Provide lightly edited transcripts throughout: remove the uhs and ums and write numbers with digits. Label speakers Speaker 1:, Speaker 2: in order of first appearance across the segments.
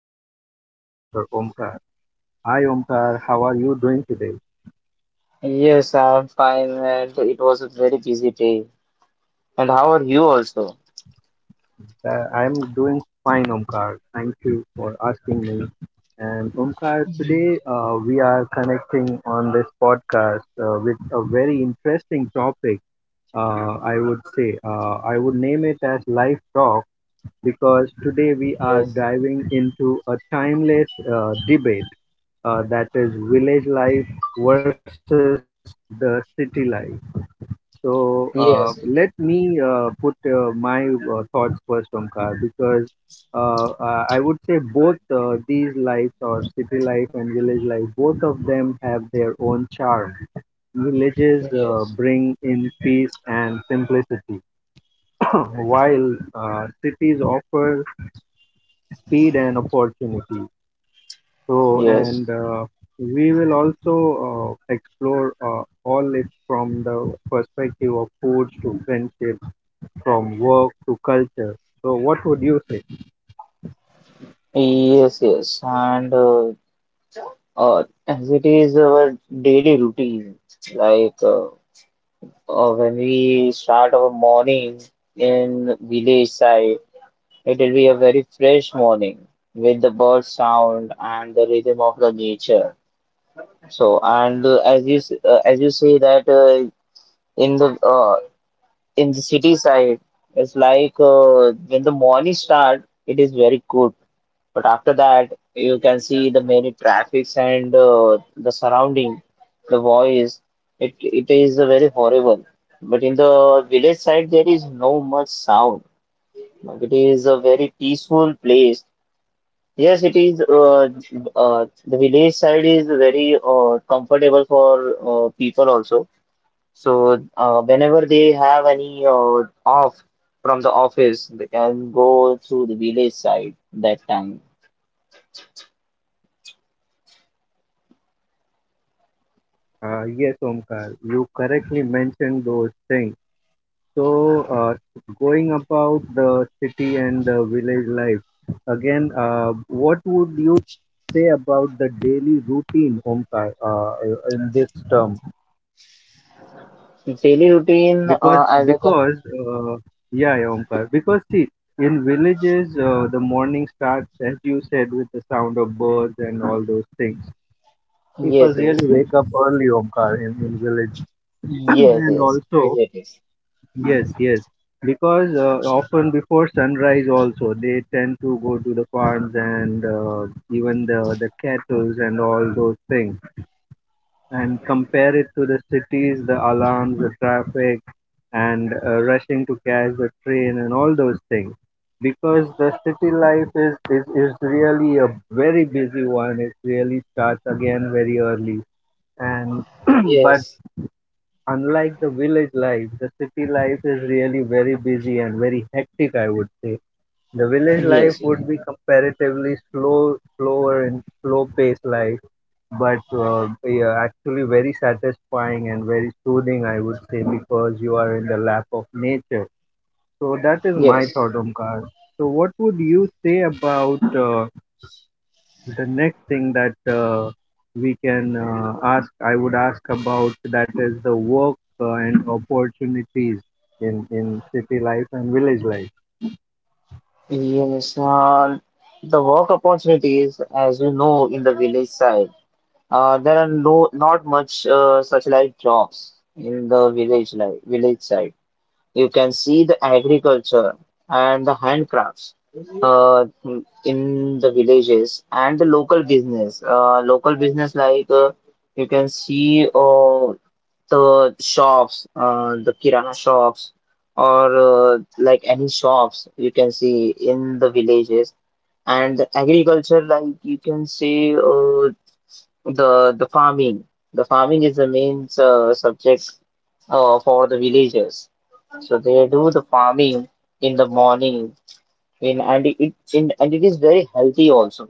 Speaker 1: us, Mr. Omkar. Hi, Omkar. How are you doing today?
Speaker 2: Yes, I'm fine, and it was a very busy day. And how are you also?
Speaker 1: I'm doing fine, Omkar. Thank you for asking me. And Omkar, today we are connecting on this podcast with a very interesting topic. I would name it as life talk, because today we are
Speaker 2: Yes,
Speaker 1: diving into a timeless debate, that is village life versus the city life. So,
Speaker 2: yes,
Speaker 1: let me put my thoughts first, Omkar, because I would say both these lives, or city life and village life, both of them have their own charm. Villages
Speaker 2: yes,
Speaker 1: bring in peace and simplicity, while cities offer speed and opportunity. So,
Speaker 2: yes,
Speaker 1: and we will also explore all it from the perspective of food to friendship, from work to culture. So, what would you say?
Speaker 2: yes, yes. And as it is our daily routine, like uh, when we start our morning in village side, it will be a very fresh morning with the bird sound and the rhythm of the nature. So, and as you say that in the uh, in the city side, it's like when the morning start it is very good, but after that you can see the many traffics and the surrounding, the voice, it is very horrible. But in the village side there is no much sound, like it is a very peaceful place. Yes it is. uh, the village side is very comfortable for people also. So whenever they have any off from the office, they can go to the village side that time.
Speaker 1: Yes, Omkar, you correctly mentioned those things. So, going about the city and the village life, again, what would you say about the daily routine, Omkar, in this term?
Speaker 2: Daily routine,
Speaker 1: Because,
Speaker 2: as I can.
Speaker 1: because, yeah, yeah, Omkar, because see, in villages, the morning starts, as you said, with the sound of birds and all those things. People
Speaker 2: Yes,
Speaker 1: really
Speaker 2: yes,
Speaker 1: wake up early, Omkar, in village.
Speaker 2: yes,
Speaker 1: And
Speaker 2: yes, yes,
Speaker 1: also,
Speaker 2: it is.
Speaker 1: yes, yes, because often before sunrise also, they tend to go to the farms, and even the cattle and all those things. And compare it to the cities, the alarms, the traffic, and rushing to catch the train and all those things. Because the city life is really a very busy one. It really starts again very early, and but
Speaker 2: Yes,
Speaker 1: unlike the village life, the city life is really very busy and very hectic, I would say. The village life
Speaker 2: yes,
Speaker 1: would be comparatively slower and slow paced life, but yeah, actually very satisfying and very soothing, I would say, because you are in the lap of nature. So that is my
Speaker 2: yes,
Speaker 1: thought, Omkar. So what would you say about the next thing that we can ask I would ask about, that is the work and opportunities in city life and village life?
Speaker 2: yes. The work opportunities, as you know, in the village side, there are no not much such like jobs in the village like village side. You can see the agriculture and the handcrafts uh, in the villages and the local business. Local business like, you can see, the shops, the kirana shops, or like any shops you can see in the villages. And the agriculture, like you can see, the farming. The farming is the main subject for the villagers. So they do the farming in the morning, and it is very healthy also.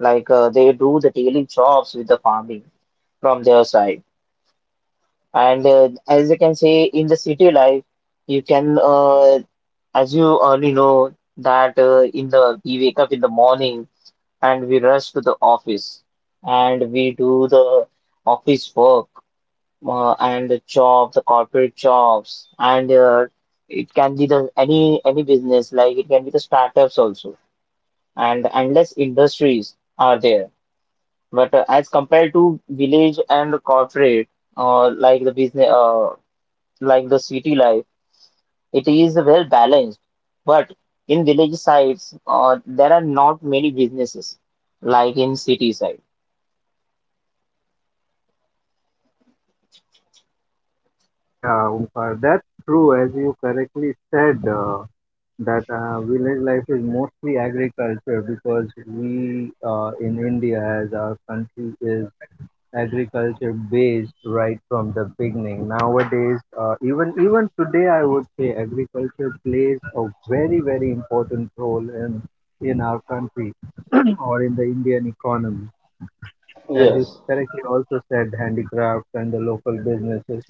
Speaker 2: Like, they do the daily jobs with the farming from their side, and as you can say in the city life, you can, as you already know, that in the we wake up in the morning and we rush to the office and we do the office work, and the job, the corporate jobs, and it can be the any business, like it can be the startups also, and endless industries are there. But as compared to village and corporate, like the business, like the city life, it is well balanced. But in village sides, there are not many businesses like in city side.
Speaker 1: Yeah, Omkar, that's true. As you correctly said, that village life is mostly agriculture, because we, in India, as our country is agriculture based right from the beginning. Nowadays, even today, I would say agriculture plays a very important role in our country, or in the Indian economy. As you
Speaker 2: Yes,
Speaker 1: correctly also said, handicrafts and the local businesses,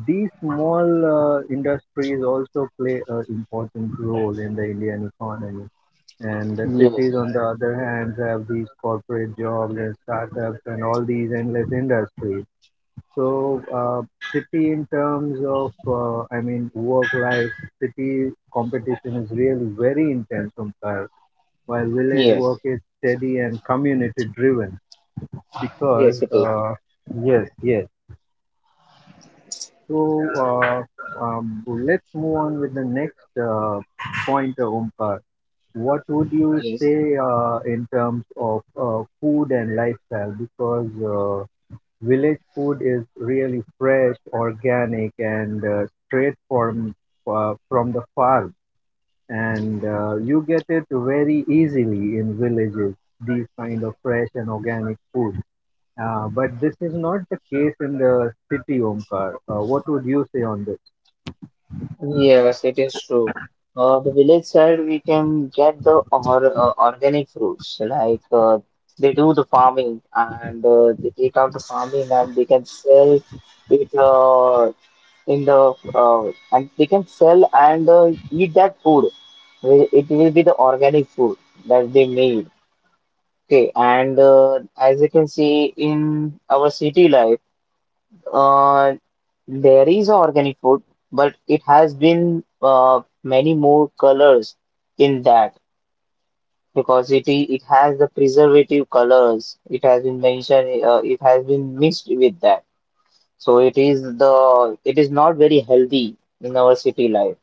Speaker 1: these small industries also play an important role in the Indian economy. And the
Speaker 2: yes,
Speaker 1: cities, on
Speaker 2: yes,
Speaker 1: the other hand, have these corporate jobs and startups and all these endless industries. So, city in terms of, I mean, work-life, city competition is really very intense compared, while village work
Speaker 2: yes,
Speaker 1: is steady and community-driven. Because,
Speaker 2: yes, it is.
Speaker 1: yes, yes. So, let's move on with the next point, Omkar. What would you
Speaker 2: Yes.
Speaker 1: say in terms of food and lifestyle? Because village food is really fresh, organic, and straight from the farm, and you get it very easily in villages. These kind of fresh and organic food. But this is not the case in the city, Omkar. What would you say on this?
Speaker 2: Yes, it is true. The village side, we can get the, organic fruits. Like, they do the farming, and they take out the farming, and they can sell it, in the and they can sell, and eat that food. It will be the organic food that they made. Okay, and as you can see in our city life. Uh, there is organic food, but it has been, many more colors in that, because it has the preservative colors. It has been mentioned. It has been mixed with that, so it is not very healthy in our city life.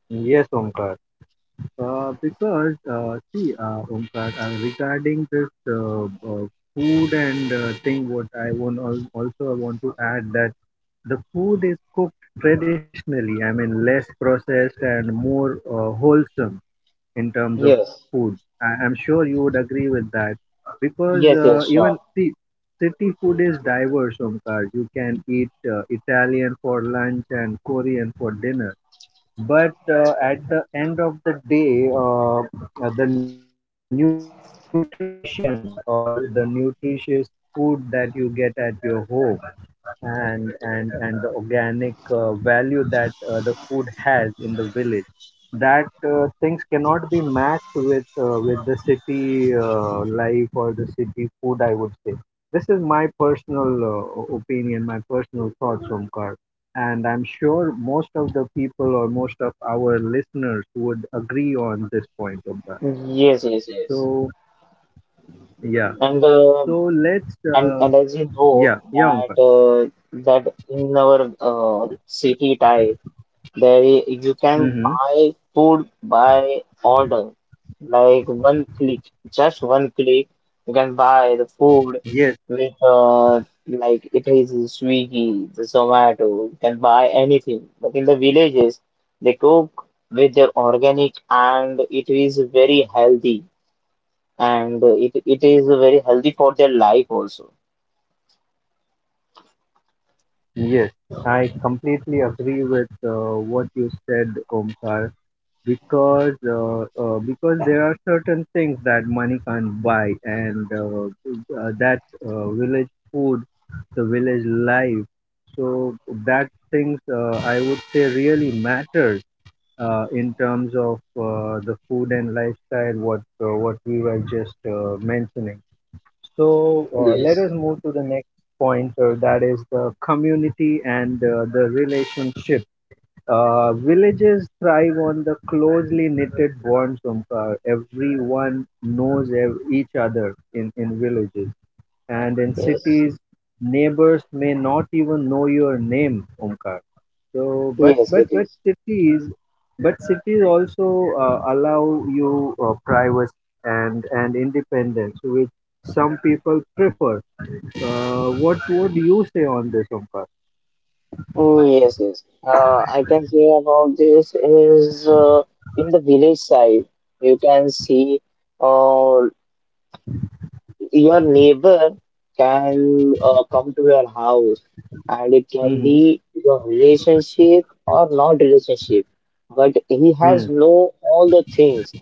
Speaker 1: Yes, Omkar. Because see, Omkar, regarding this food and thing, what I want al- also I want to add that the food is cooked traditionally. I mean, less processed and more wholesome in terms of
Speaker 2: Yes,
Speaker 1: food. I'm sure you would agree with that, because
Speaker 2: yes, yes,
Speaker 1: even
Speaker 2: sure.
Speaker 1: see, city food is diverse, Omkar. You can eat Italian for lunch and Korean for dinner, but at the end of the day, the nutrition, or the nutritious food that you get at your home, and the organic value that the food has in the village, that things cannot be matched with the city life, or the city food, I would say. This is my personal opinion, my personal thoughts, Omkar. And I'm sure most of the people, or most of our listeners, would agree on this point, Omkar.
Speaker 2: Yes, yes, yes.
Speaker 1: So, yeah.
Speaker 2: And
Speaker 1: so let's
Speaker 2: and as you know
Speaker 1: Yeah, yeah,
Speaker 2: that
Speaker 1: Omkar.
Speaker 2: that in our city type. You can
Speaker 1: Mm-hmm.
Speaker 2: buy food by order, like one click, just one click. You can buy the food with, like it is in Swiggy, the Zomato. You can buy anything. But in the villages, they cook with their organic, and it is very healthy, and it is very healthy for their life also.
Speaker 1: Yes, I completely agree with what you said, Omkar, because there are certain things that money can't buy, and that village food, the village life. So that things, I would say, really matters in terms of the food and lifestyle. What we were just mentioning. So, let us
Speaker 2: Yes.
Speaker 1: move to the next point, that is the community and the relationship. Villages thrive on the closely knitted bonds, Omkar. Everyone knows each other in villages, and in
Speaker 2: Yes,
Speaker 1: cities, neighbors may not even know your name, Omkar. So, but
Speaker 2: yes,
Speaker 1: but
Speaker 2: it
Speaker 1: but
Speaker 2: is.
Speaker 1: cities, but cities also allow you privacy and independence, which some people prefer. What would you say on this, Omkar?
Speaker 2: Mm. Yes, yes. I can hear about this is, in the village side. You can see uh, your neighbor can come to your house, and it can
Speaker 1: Mm-hmm.
Speaker 2: be your relationship or not relationship. But he has
Speaker 1: Mm,
Speaker 2: know all the things,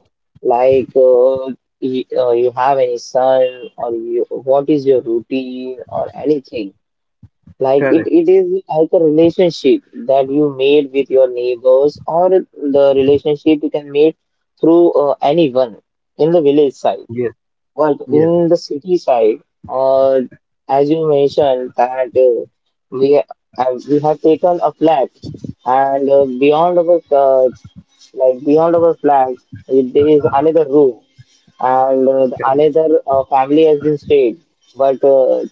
Speaker 2: like, he, you have any son, or you, what is your routine or anything. Like it
Speaker 1: Correct.
Speaker 2: is like a relationship that you made with your neighbors, or the relationship you can make through, anyone in the village side.
Speaker 1: Yes.
Speaker 2: But
Speaker 1: Yes.
Speaker 2: in the city side, uh, as you mentioned that, we we have taken a flat, and beyond our, like beyond our flat there is another room, and another family has been stayed. But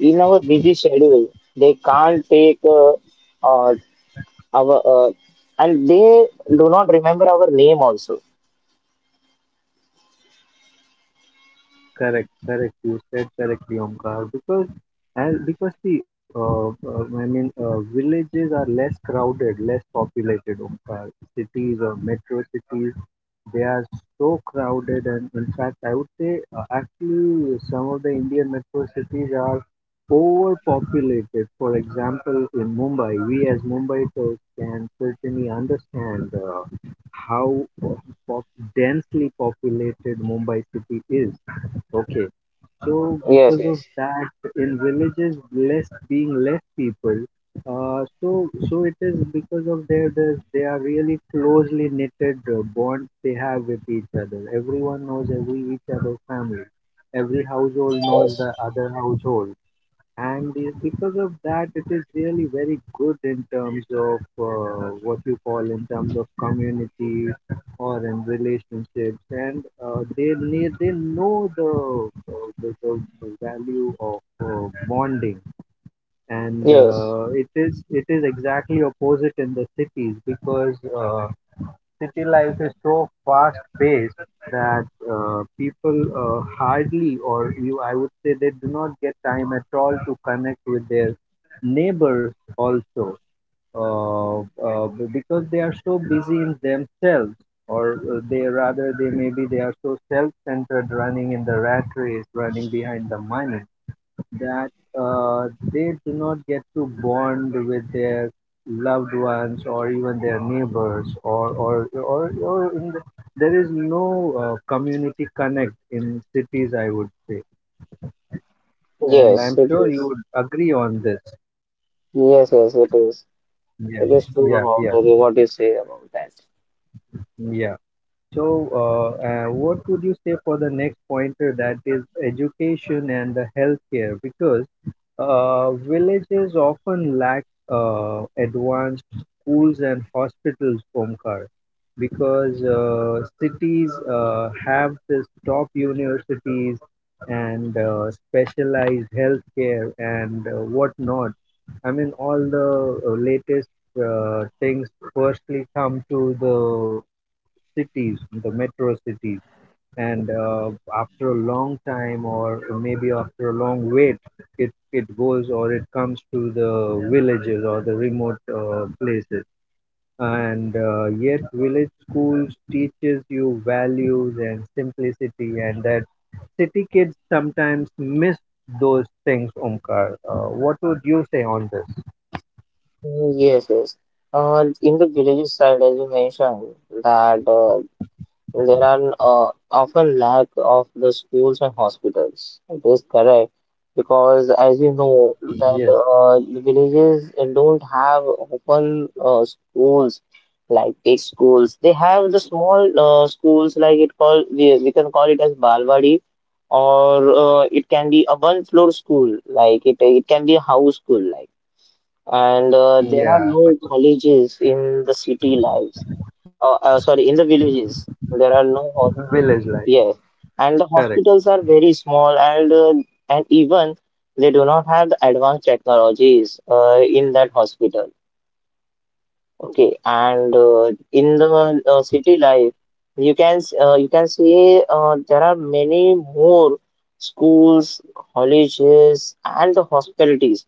Speaker 2: in our busy schedule, they can't take, uh, our, and they do not remember our name also.
Speaker 1: Correct, correct. You said correctly, Omkar. Because, I mean, villages are less crowded, less populated, Omkar. Cities or metro cities, they are so crowded, and in fact, I would say, actually, some of the Indian metro cities are overpopulated. For example, in Mumbai, we as Mumbaikars can certainly understand how pop- densely populated Mumbai city is. Okay. So
Speaker 2: Yes,
Speaker 1: because of
Speaker 2: yes,
Speaker 1: that, in villages, less being less people, so it is because of they are really closely knitted bonds they have with each other. Everyone knows every each other's family. Every household knows the other household, and because of that, it is really very good in terms of what you call, in terms of community or in relationships. And they know the, the the value of bonding. And
Speaker 2: yes,
Speaker 1: it is exactly opposite in the cities, because city life is so fast paced that people hardly, or you I would say, they do not get time at all to connect with their neighbors also. uh, because they are so busy in themselves, or they rather, they, maybe they are so self-centered, running in the rat race, running behind the money, that uh, they do not get to bond with their loved ones, or even their neighbors, there is no community connect in cities, I would say. And
Speaker 2: yes,
Speaker 1: I'm
Speaker 2: it
Speaker 1: sure you
Speaker 2: is.
Speaker 1: would agree on this.
Speaker 2: Yes, yes, it is.
Speaker 1: Yeah,
Speaker 2: It is
Speaker 1: yeah,
Speaker 2: true
Speaker 1: yeah,
Speaker 2: about the, what you say about that.
Speaker 1: yeah. So, what would you say for the next pointer, that is education and the healthcare? Because villages often lack advanced schools and hospitals, Omkar, because cities have this top universities, and specialized healthcare, and whatnot. I mean, all the latest things firstly come to the cities, the metro cities, and after a long time, or maybe after a long wait, it goes, or it comes to the villages, or the remote places. And yet village schools teaches you values and simplicity, and that city kids sometimes miss those things, Omkar. What would you say on this?
Speaker 2: Mm. Yes, yes. In the villages side, as you mentioned, that, there are often lack of the schools and hospitals. It is correct because, as you know, that
Speaker 1: Yes.
Speaker 2: the villages don't have open schools like big schools. They have the small schools like it called, we can call it as Balwadi, or it can be a one floor school, like it can be a house school like. And there are
Speaker 1: Yeah.
Speaker 2: no colleges in the city life, sorry, in the villages, there are no hos-.
Speaker 1: Village life.
Speaker 2: Yes, and the
Speaker 1: Correct.
Speaker 2: hospitals are very small, and even they do not have the advanced technologies in that hospital. Okay, and in the city life, you can see, there are many more schools, colleges, and the hospitalities.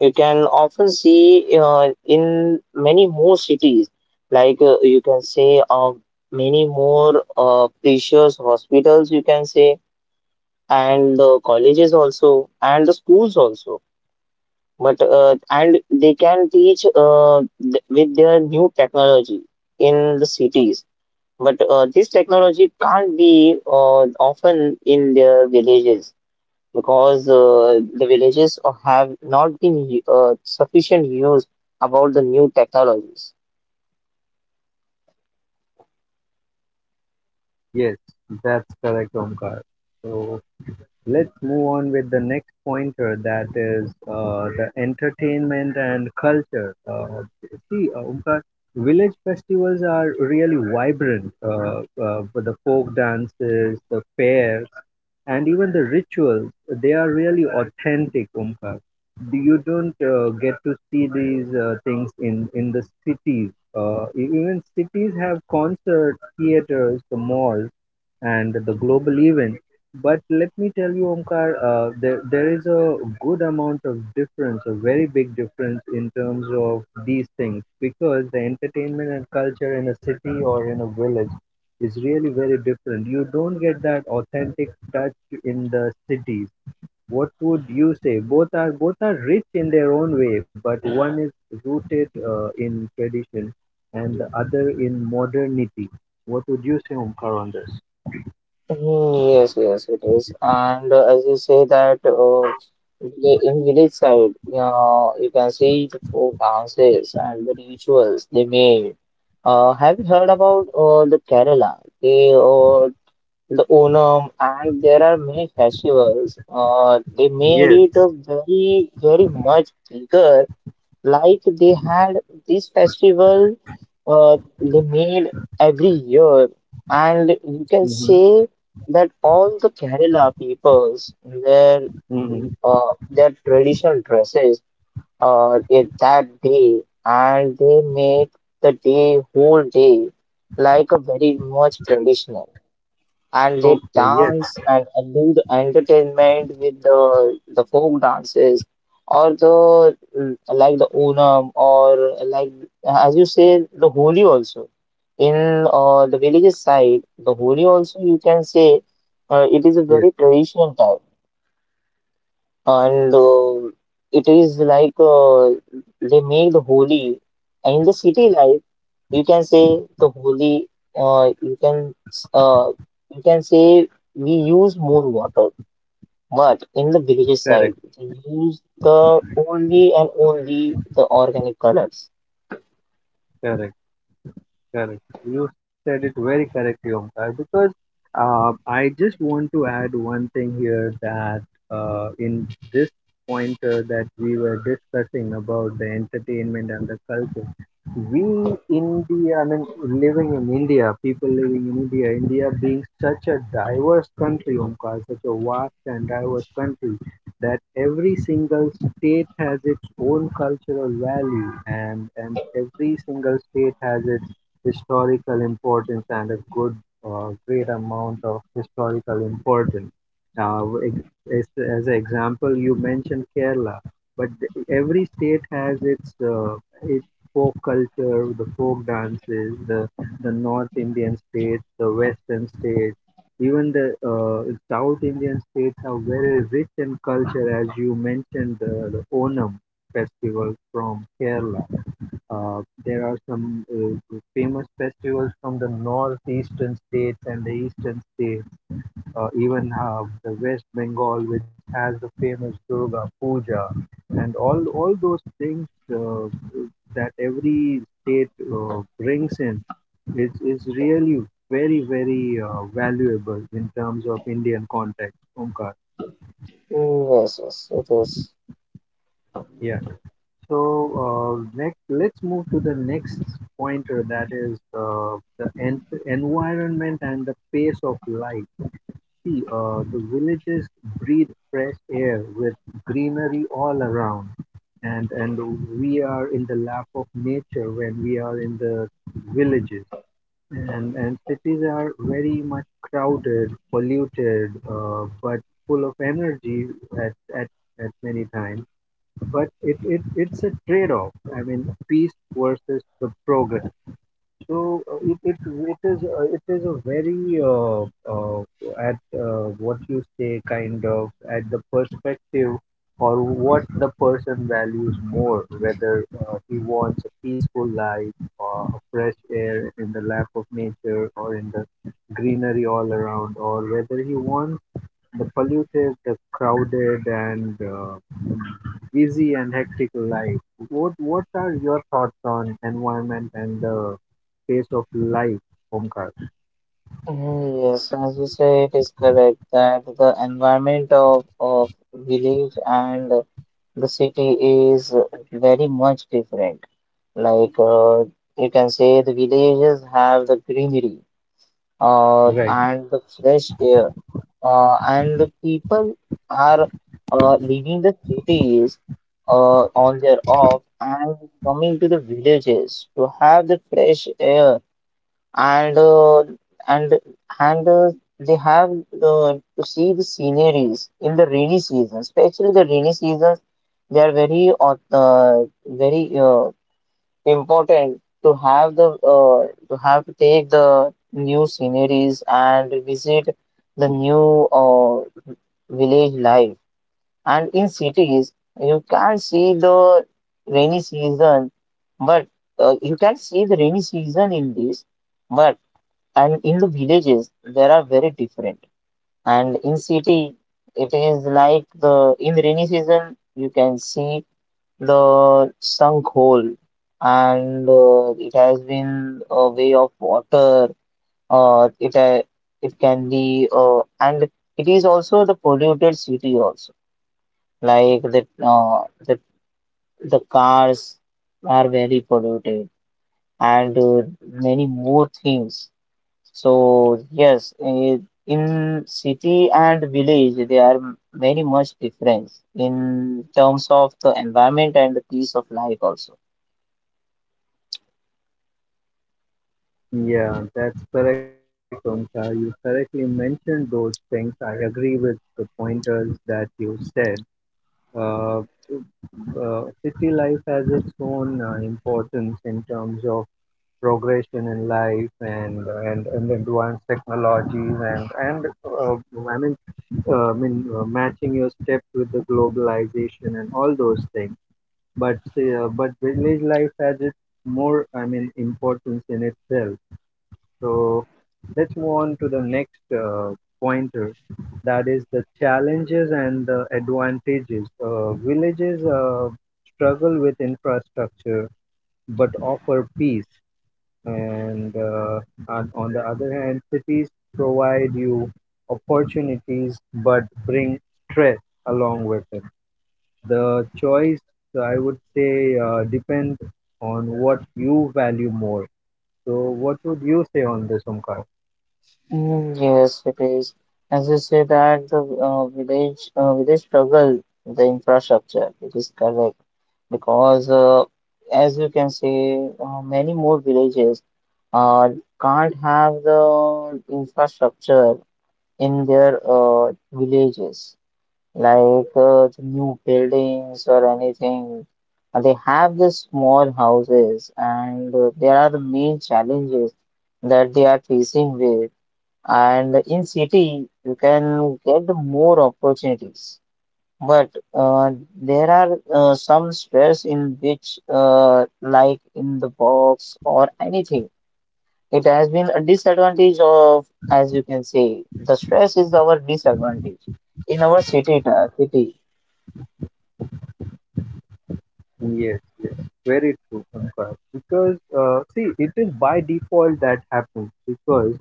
Speaker 2: You can often see in many more cities, like, you can say, many more precious hospitals. You can say, and colleges also, and the schools also, but and they can teach, with their new technology in the cities. But this technology can't be often in their villages, because the villages have not been sufficient used about the new technologies.
Speaker 1: Yes. That's correct, Omkar. So let's move on with the next pointer, that is the entertainment and culture. See, Omkar, village festivals are really vibrant, for the folk dances, the fairs, and even the rituals. They are really authentic, Omkar. You don't get to see these things in the cities. Even cities have concerts, theaters, the malls, and the global event. But let me tell you, Omkar, there is a good amount of difference, a very big difference in terms of these things, because the entertainment and culture in a city or in a village is really very different. You don't get that authentic touch in the cities. What would you say? Both are rich in their own way, but one is rooted in tradition, and the other in modernity. What would you say, Omkar, on this?
Speaker 2: Mm. Yes, yes, it is. And as you say that in village side, you can see the folk dances and the rituals they made. Have you heard about the Kerala? The Onam, and there are many festivals. They made
Speaker 1: Yes.
Speaker 2: it a very, very much bigger, like they had this festival, they made every year. And you can
Speaker 1: Mm-hmm.
Speaker 2: say that all the Kerala peoples, their,
Speaker 1: Mm-hmm.
Speaker 2: their traditional dresses in that day, and they make the day, whole day, like a very much traditional, and they
Speaker 1: Okay. Yes.
Speaker 2: dance, and do the entertainment with the folk dances, or the, like the Onam, or like, as you say, the Holi also. In the villages side, the Holi also, you can say, it is a very
Speaker 1: Yes.
Speaker 2: traditional type. And it is like, they make the Holi. And in the city life, you can say the Holi, you can, uh, you can say, we use more water, but in the villages
Speaker 1: Correct.
Speaker 2: side we use the, only and only the organic colors.
Speaker 1: Correct. Correct. You said it very correctly, Omkar, because I just want to add one thing here that in this pointer that we were discussing about the entertainment and the culture, we India, I mean, living in India, people living in India, India being such a diverse country, Omkar, such a vast and diverse country, that every single state has its own cultural value and every single state has its historical importance and a good great amount of historical importance. Now, as an example, you mentioned Kerala, but every state has its folk culture, the folk dances, the North Indian states, the Western states, even the South Indian states are very rich in culture, as you mentioned the Onam festival from Kerala. There are some famous festivals from the northeastern states and the eastern states, even the West Bengal, which has the famous Durga Puja, and all those things uh, that every state brings in is really very valuable in terms of Indian context, Omkar.
Speaker 2: Mm. Yes, yes, it is.
Speaker 1: Yeah. So, next, let's move to the next pointer, that is the environment and the pace of life. See, the villages breathe fresh air with greenery all around, and we are in the lap of nature when we are in the villages. And cities are very much crowded, polluted, but full of energy at at, at many times, but it's a trade-off, I mean, peace versus the progress. So it is, a very, uh, uh, at what you say, kind of at the perspective, or what the person values more, whether he wants a peaceful life or a fresh air in the lap of nature or in the greenery all around, or whether he wants the polluted, the crowded, and busy and hectic life. What are your thoughts on environment and the pace of life, Omkar?
Speaker 2: Oh. Yes, as you say, it is correct that the environment of village and the city is very much different. Like, you can say the villages have the greenery,
Speaker 1: Right.
Speaker 2: and the fresh air, and the people are leaving the cities on their off, and coming to the villages to have the fresh air. And and and they have to see the sceneries in the rainy season, especially the rainy seasons. They are very, very important to have the, to have, to take the new sceneries and visit the new, village life. And in cities, you can't see the rainy season, but you can see the rainy season in this. But and in the villages there are very different. And in city it is like the, in rainy season you can see the sunk hole, and it has been a way of water. It it can be, and it is also the polluted city also, like the, uh, the the cars are very polluted, and many more things. So, yes, in city and village there are very much difference in terms of the environment and the peace of life also.
Speaker 1: Yeah, that's correct, Omkar. You correctly mentioned those things. I agree with the pointers that you said. Uh, City life has its own importance in terms of progression in life, and advanced technologies, and uh, I mean matching your step with the globalization and all those things. But village life has its more, I mean, importance in itself. So let's move on to the next pointer, that is the challenges and the advantages. Villages struggle with infrastructure but offer peace, and on the other hand, cities provide you opportunities but bring stress along with it. The choice, I would say, depends on what you value more. So what would you say on this, Omkar?
Speaker 2: Mm. Yes, it is. As you say that the village, village struggle with the infrastructure. It is correct, because as you can say, many more villages uh, can't have the infrastructure in their villages, like, the new buildings or anything. They have the small houses, and there are the main challenges that they are facing with. And in city, you can get more opportunities, but there are some stress, in which, like in the box or anything, it has been a disadvantage of, as you can say, the stress is our disadvantage in our city, city.
Speaker 1: Yes, yes, very true, Pankaj. Because see, it is by default that happens. Because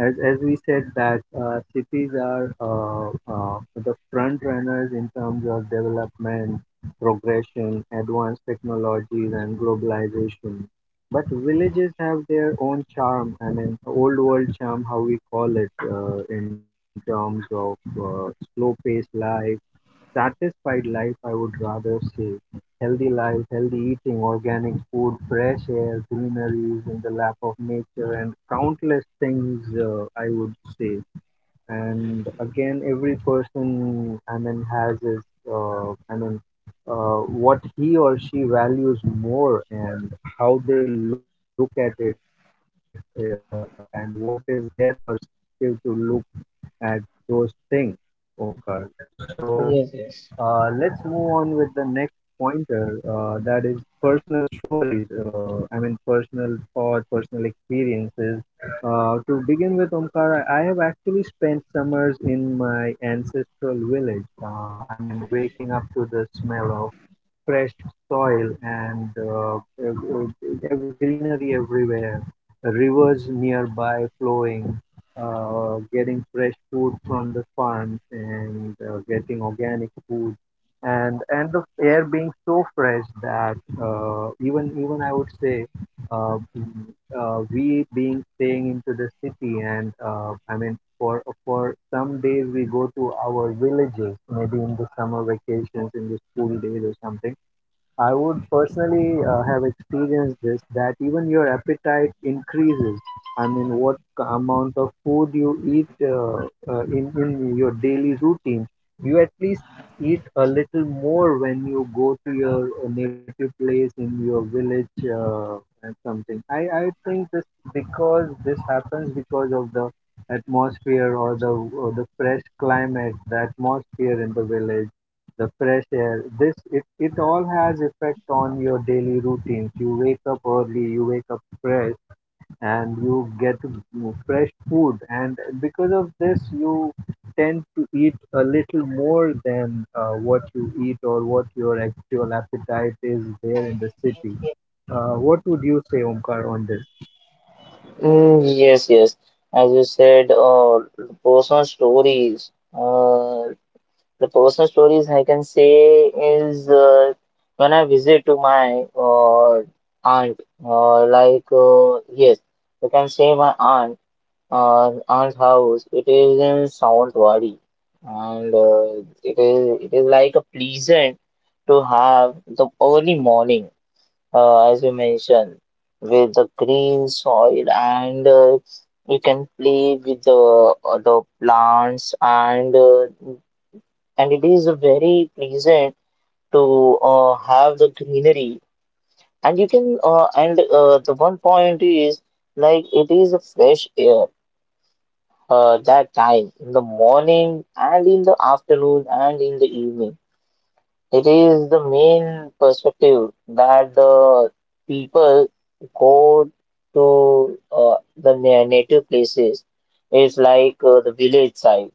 Speaker 1: as we said that cities are the front runners in terms of development, progression, advanced technologies, and globalization. But villages have their own charm. I mean, old world charm, how we call it, in terms of slow paced life, satisfied life, I would rather say. Healthy life, healthy eating, organic food, fresh air, greeneries in the lap of nature, and countless things, I would say. And again, every person, I mean, has his uh, I mean uh, what he or she values more, and how they look at it, and what is their perspective to look at those things, Omkar. So
Speaker 2: Yes, yes.
Speaker 1: let's move on with the next pointer, that is personal stories, I mean personal thoughts, personal experiences. To begin with, Omkar, I have actually spent summers in my ancestral village. I mean, waking up to the smell of fresh soil, and ev- greenery everywhere, rivers nearby flowing, getting fresh food from the farms, and getting organic food, and the air being so fresh that even even I would say, uh, mm, we being staying into the city, and I mean, for some days we go to our villages, maybe in the summer vacations in the school days or something. I would personally have experienced this, that even your appetite increases. I mean, what amount of food you eat in your daily routine, you at least eat a little more when you go to your native place in your village, and something. I think this, because this happens because of the atmosphere, or the fresh climate, the atmosphere in the village, the fresh air. This, it all has effect on your daily routines. You wake up early, you wake up fresh, and you get fresh food, and because of this you tend to eat a little more than what you eat or what your actual appetite is there in the city. What would you say, Omkar, on this?
Speaker 2: Mm. Yes, yes. As you said, the personal stories. The personal stories I can say is, when I visit to my aunt. Yes, I can say my aunt. Aunt's house. It is in Sawantwadi, and it is like a pleasant to have the early morning. As you mentioned, with the green soil, and you can play with the plants. And and it is very pleasant to have the greenery. And you can and the one point is, like it is a fresh air, that time in the morning and in the afternoon and in the evening. It is the main perspective that the people go to the native places. It's like, the village side,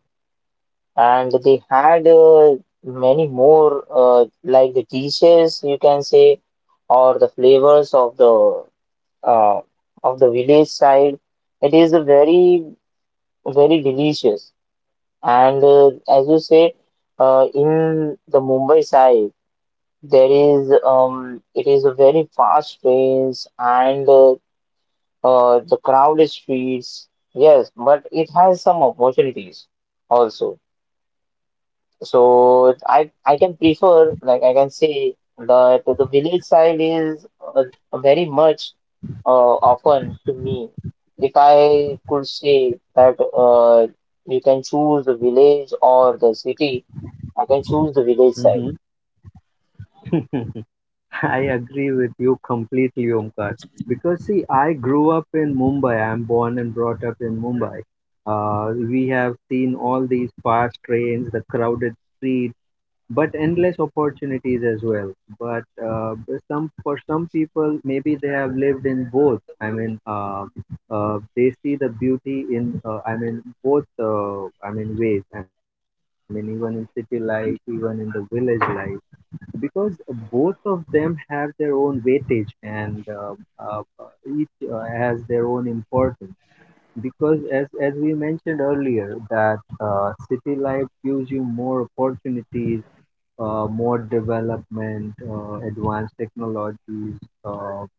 Speaker 2: and they had many more, like the dishes, you can say, or the flavors uh, of the village side. It is a very, very delicious, and as you say, in the Mumbai side. There is, it is a very fast pace, and the crowded streets. Yes, but it has some opportunities also. So I can prefer, like I can say that the village side is uh, very much often to me. If I could say that, you can choose the village or the city, I can choose the village side.
Speaker 1: Hmm. I agree with you completely, Omkar. Because see, I grew up in Mumbai. I'm born and brought up in Mumbai. We have seen all these fast trains, the crowded street, but endless opportunities as well. But some, for some people, maybe they have lived in both. I mean, they see the beauty in, I mean, both. I mean, ways. I mean, even in city life, even in the village life, because both of them have their own weightage, and uh, each has their own importance, because as we mentioned earlier, that city life gives you more opportunities, more development, advanced technologies, uh,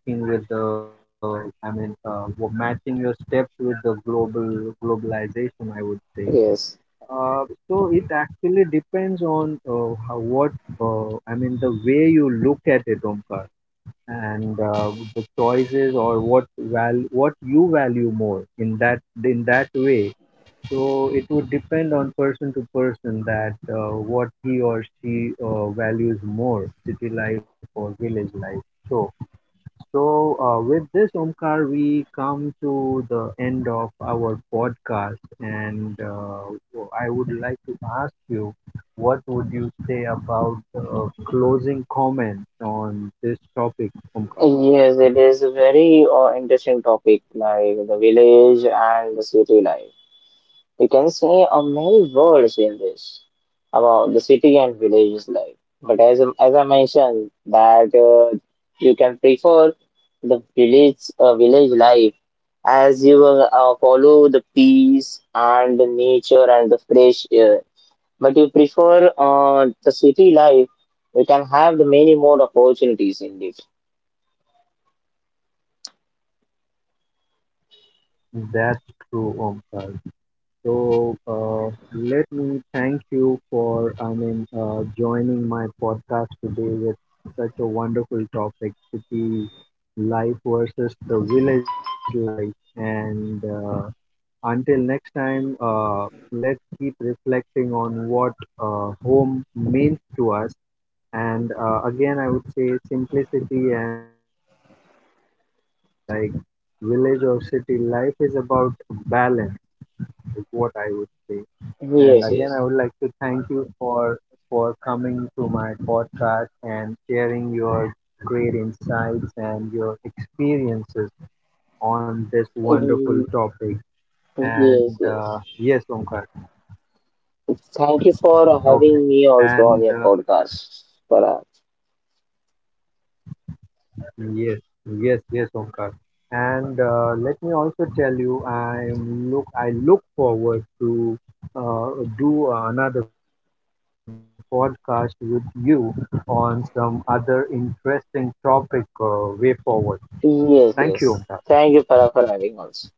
Speaker 1: walking with the, I mean, matching your steps with the globalization, I would say.
Speaker 2: Yes.
Speaker 1: So it actually depends on, what, I mean, the way you look at it, Omkar, and the choices, or what you value more in that, in that way. So it would depend on person to person, that what he or she values more, city life or village life. So so, with this, Omkar, we come to the end of our podcast, and I would like to ask you, what would you say about closing comments on this topic, Omkar?
Speaker 2: Yes, it is a very interesting topic, like the village and the city life. You can see many words in this about the city and villages life. But as I mentioned, that you can prefer the village, village life, as you will follow the peace and the nature and the fresh air. But you prefer the city life, you can have the many more opportunities in it.
Speaker 1: That's true, Omkar. So, let me thank you for, I mean, joining my podcast today with such a wonderful topic, city life versus the village life. And until next time, let's keep reflecting on what home means to us. And again, I would say simplicity and opportunity can coexist. Like village or city, life is about balance, is what I would say. And
Speaker 2: Yes,
Speaker 1: again,
Speaker 2: yes.
Speaker 1: I would like to thank you for coming to my podcast and sharing your great insights and your experiences on this wonderful
Speaker 2: Mm.
Speaker 1: topic. And
Speaker 2: Yes, yes.
Speaker 1: yes, Omkar.
Speaker 2: Thank you for
Speaker 1: Okay.
Speaker 2: having me
Speaker 1: And
Speaker 2: also on your podcast, Farah.
Speaker 1: yes, yes, Omkar. And let me also tell you, I look forward to uh, do another podcast with you on some other interesting topic, way forward. Thank you, Omkar.
Speaker 2: Yes, yes. Thank you, Farah, for having us.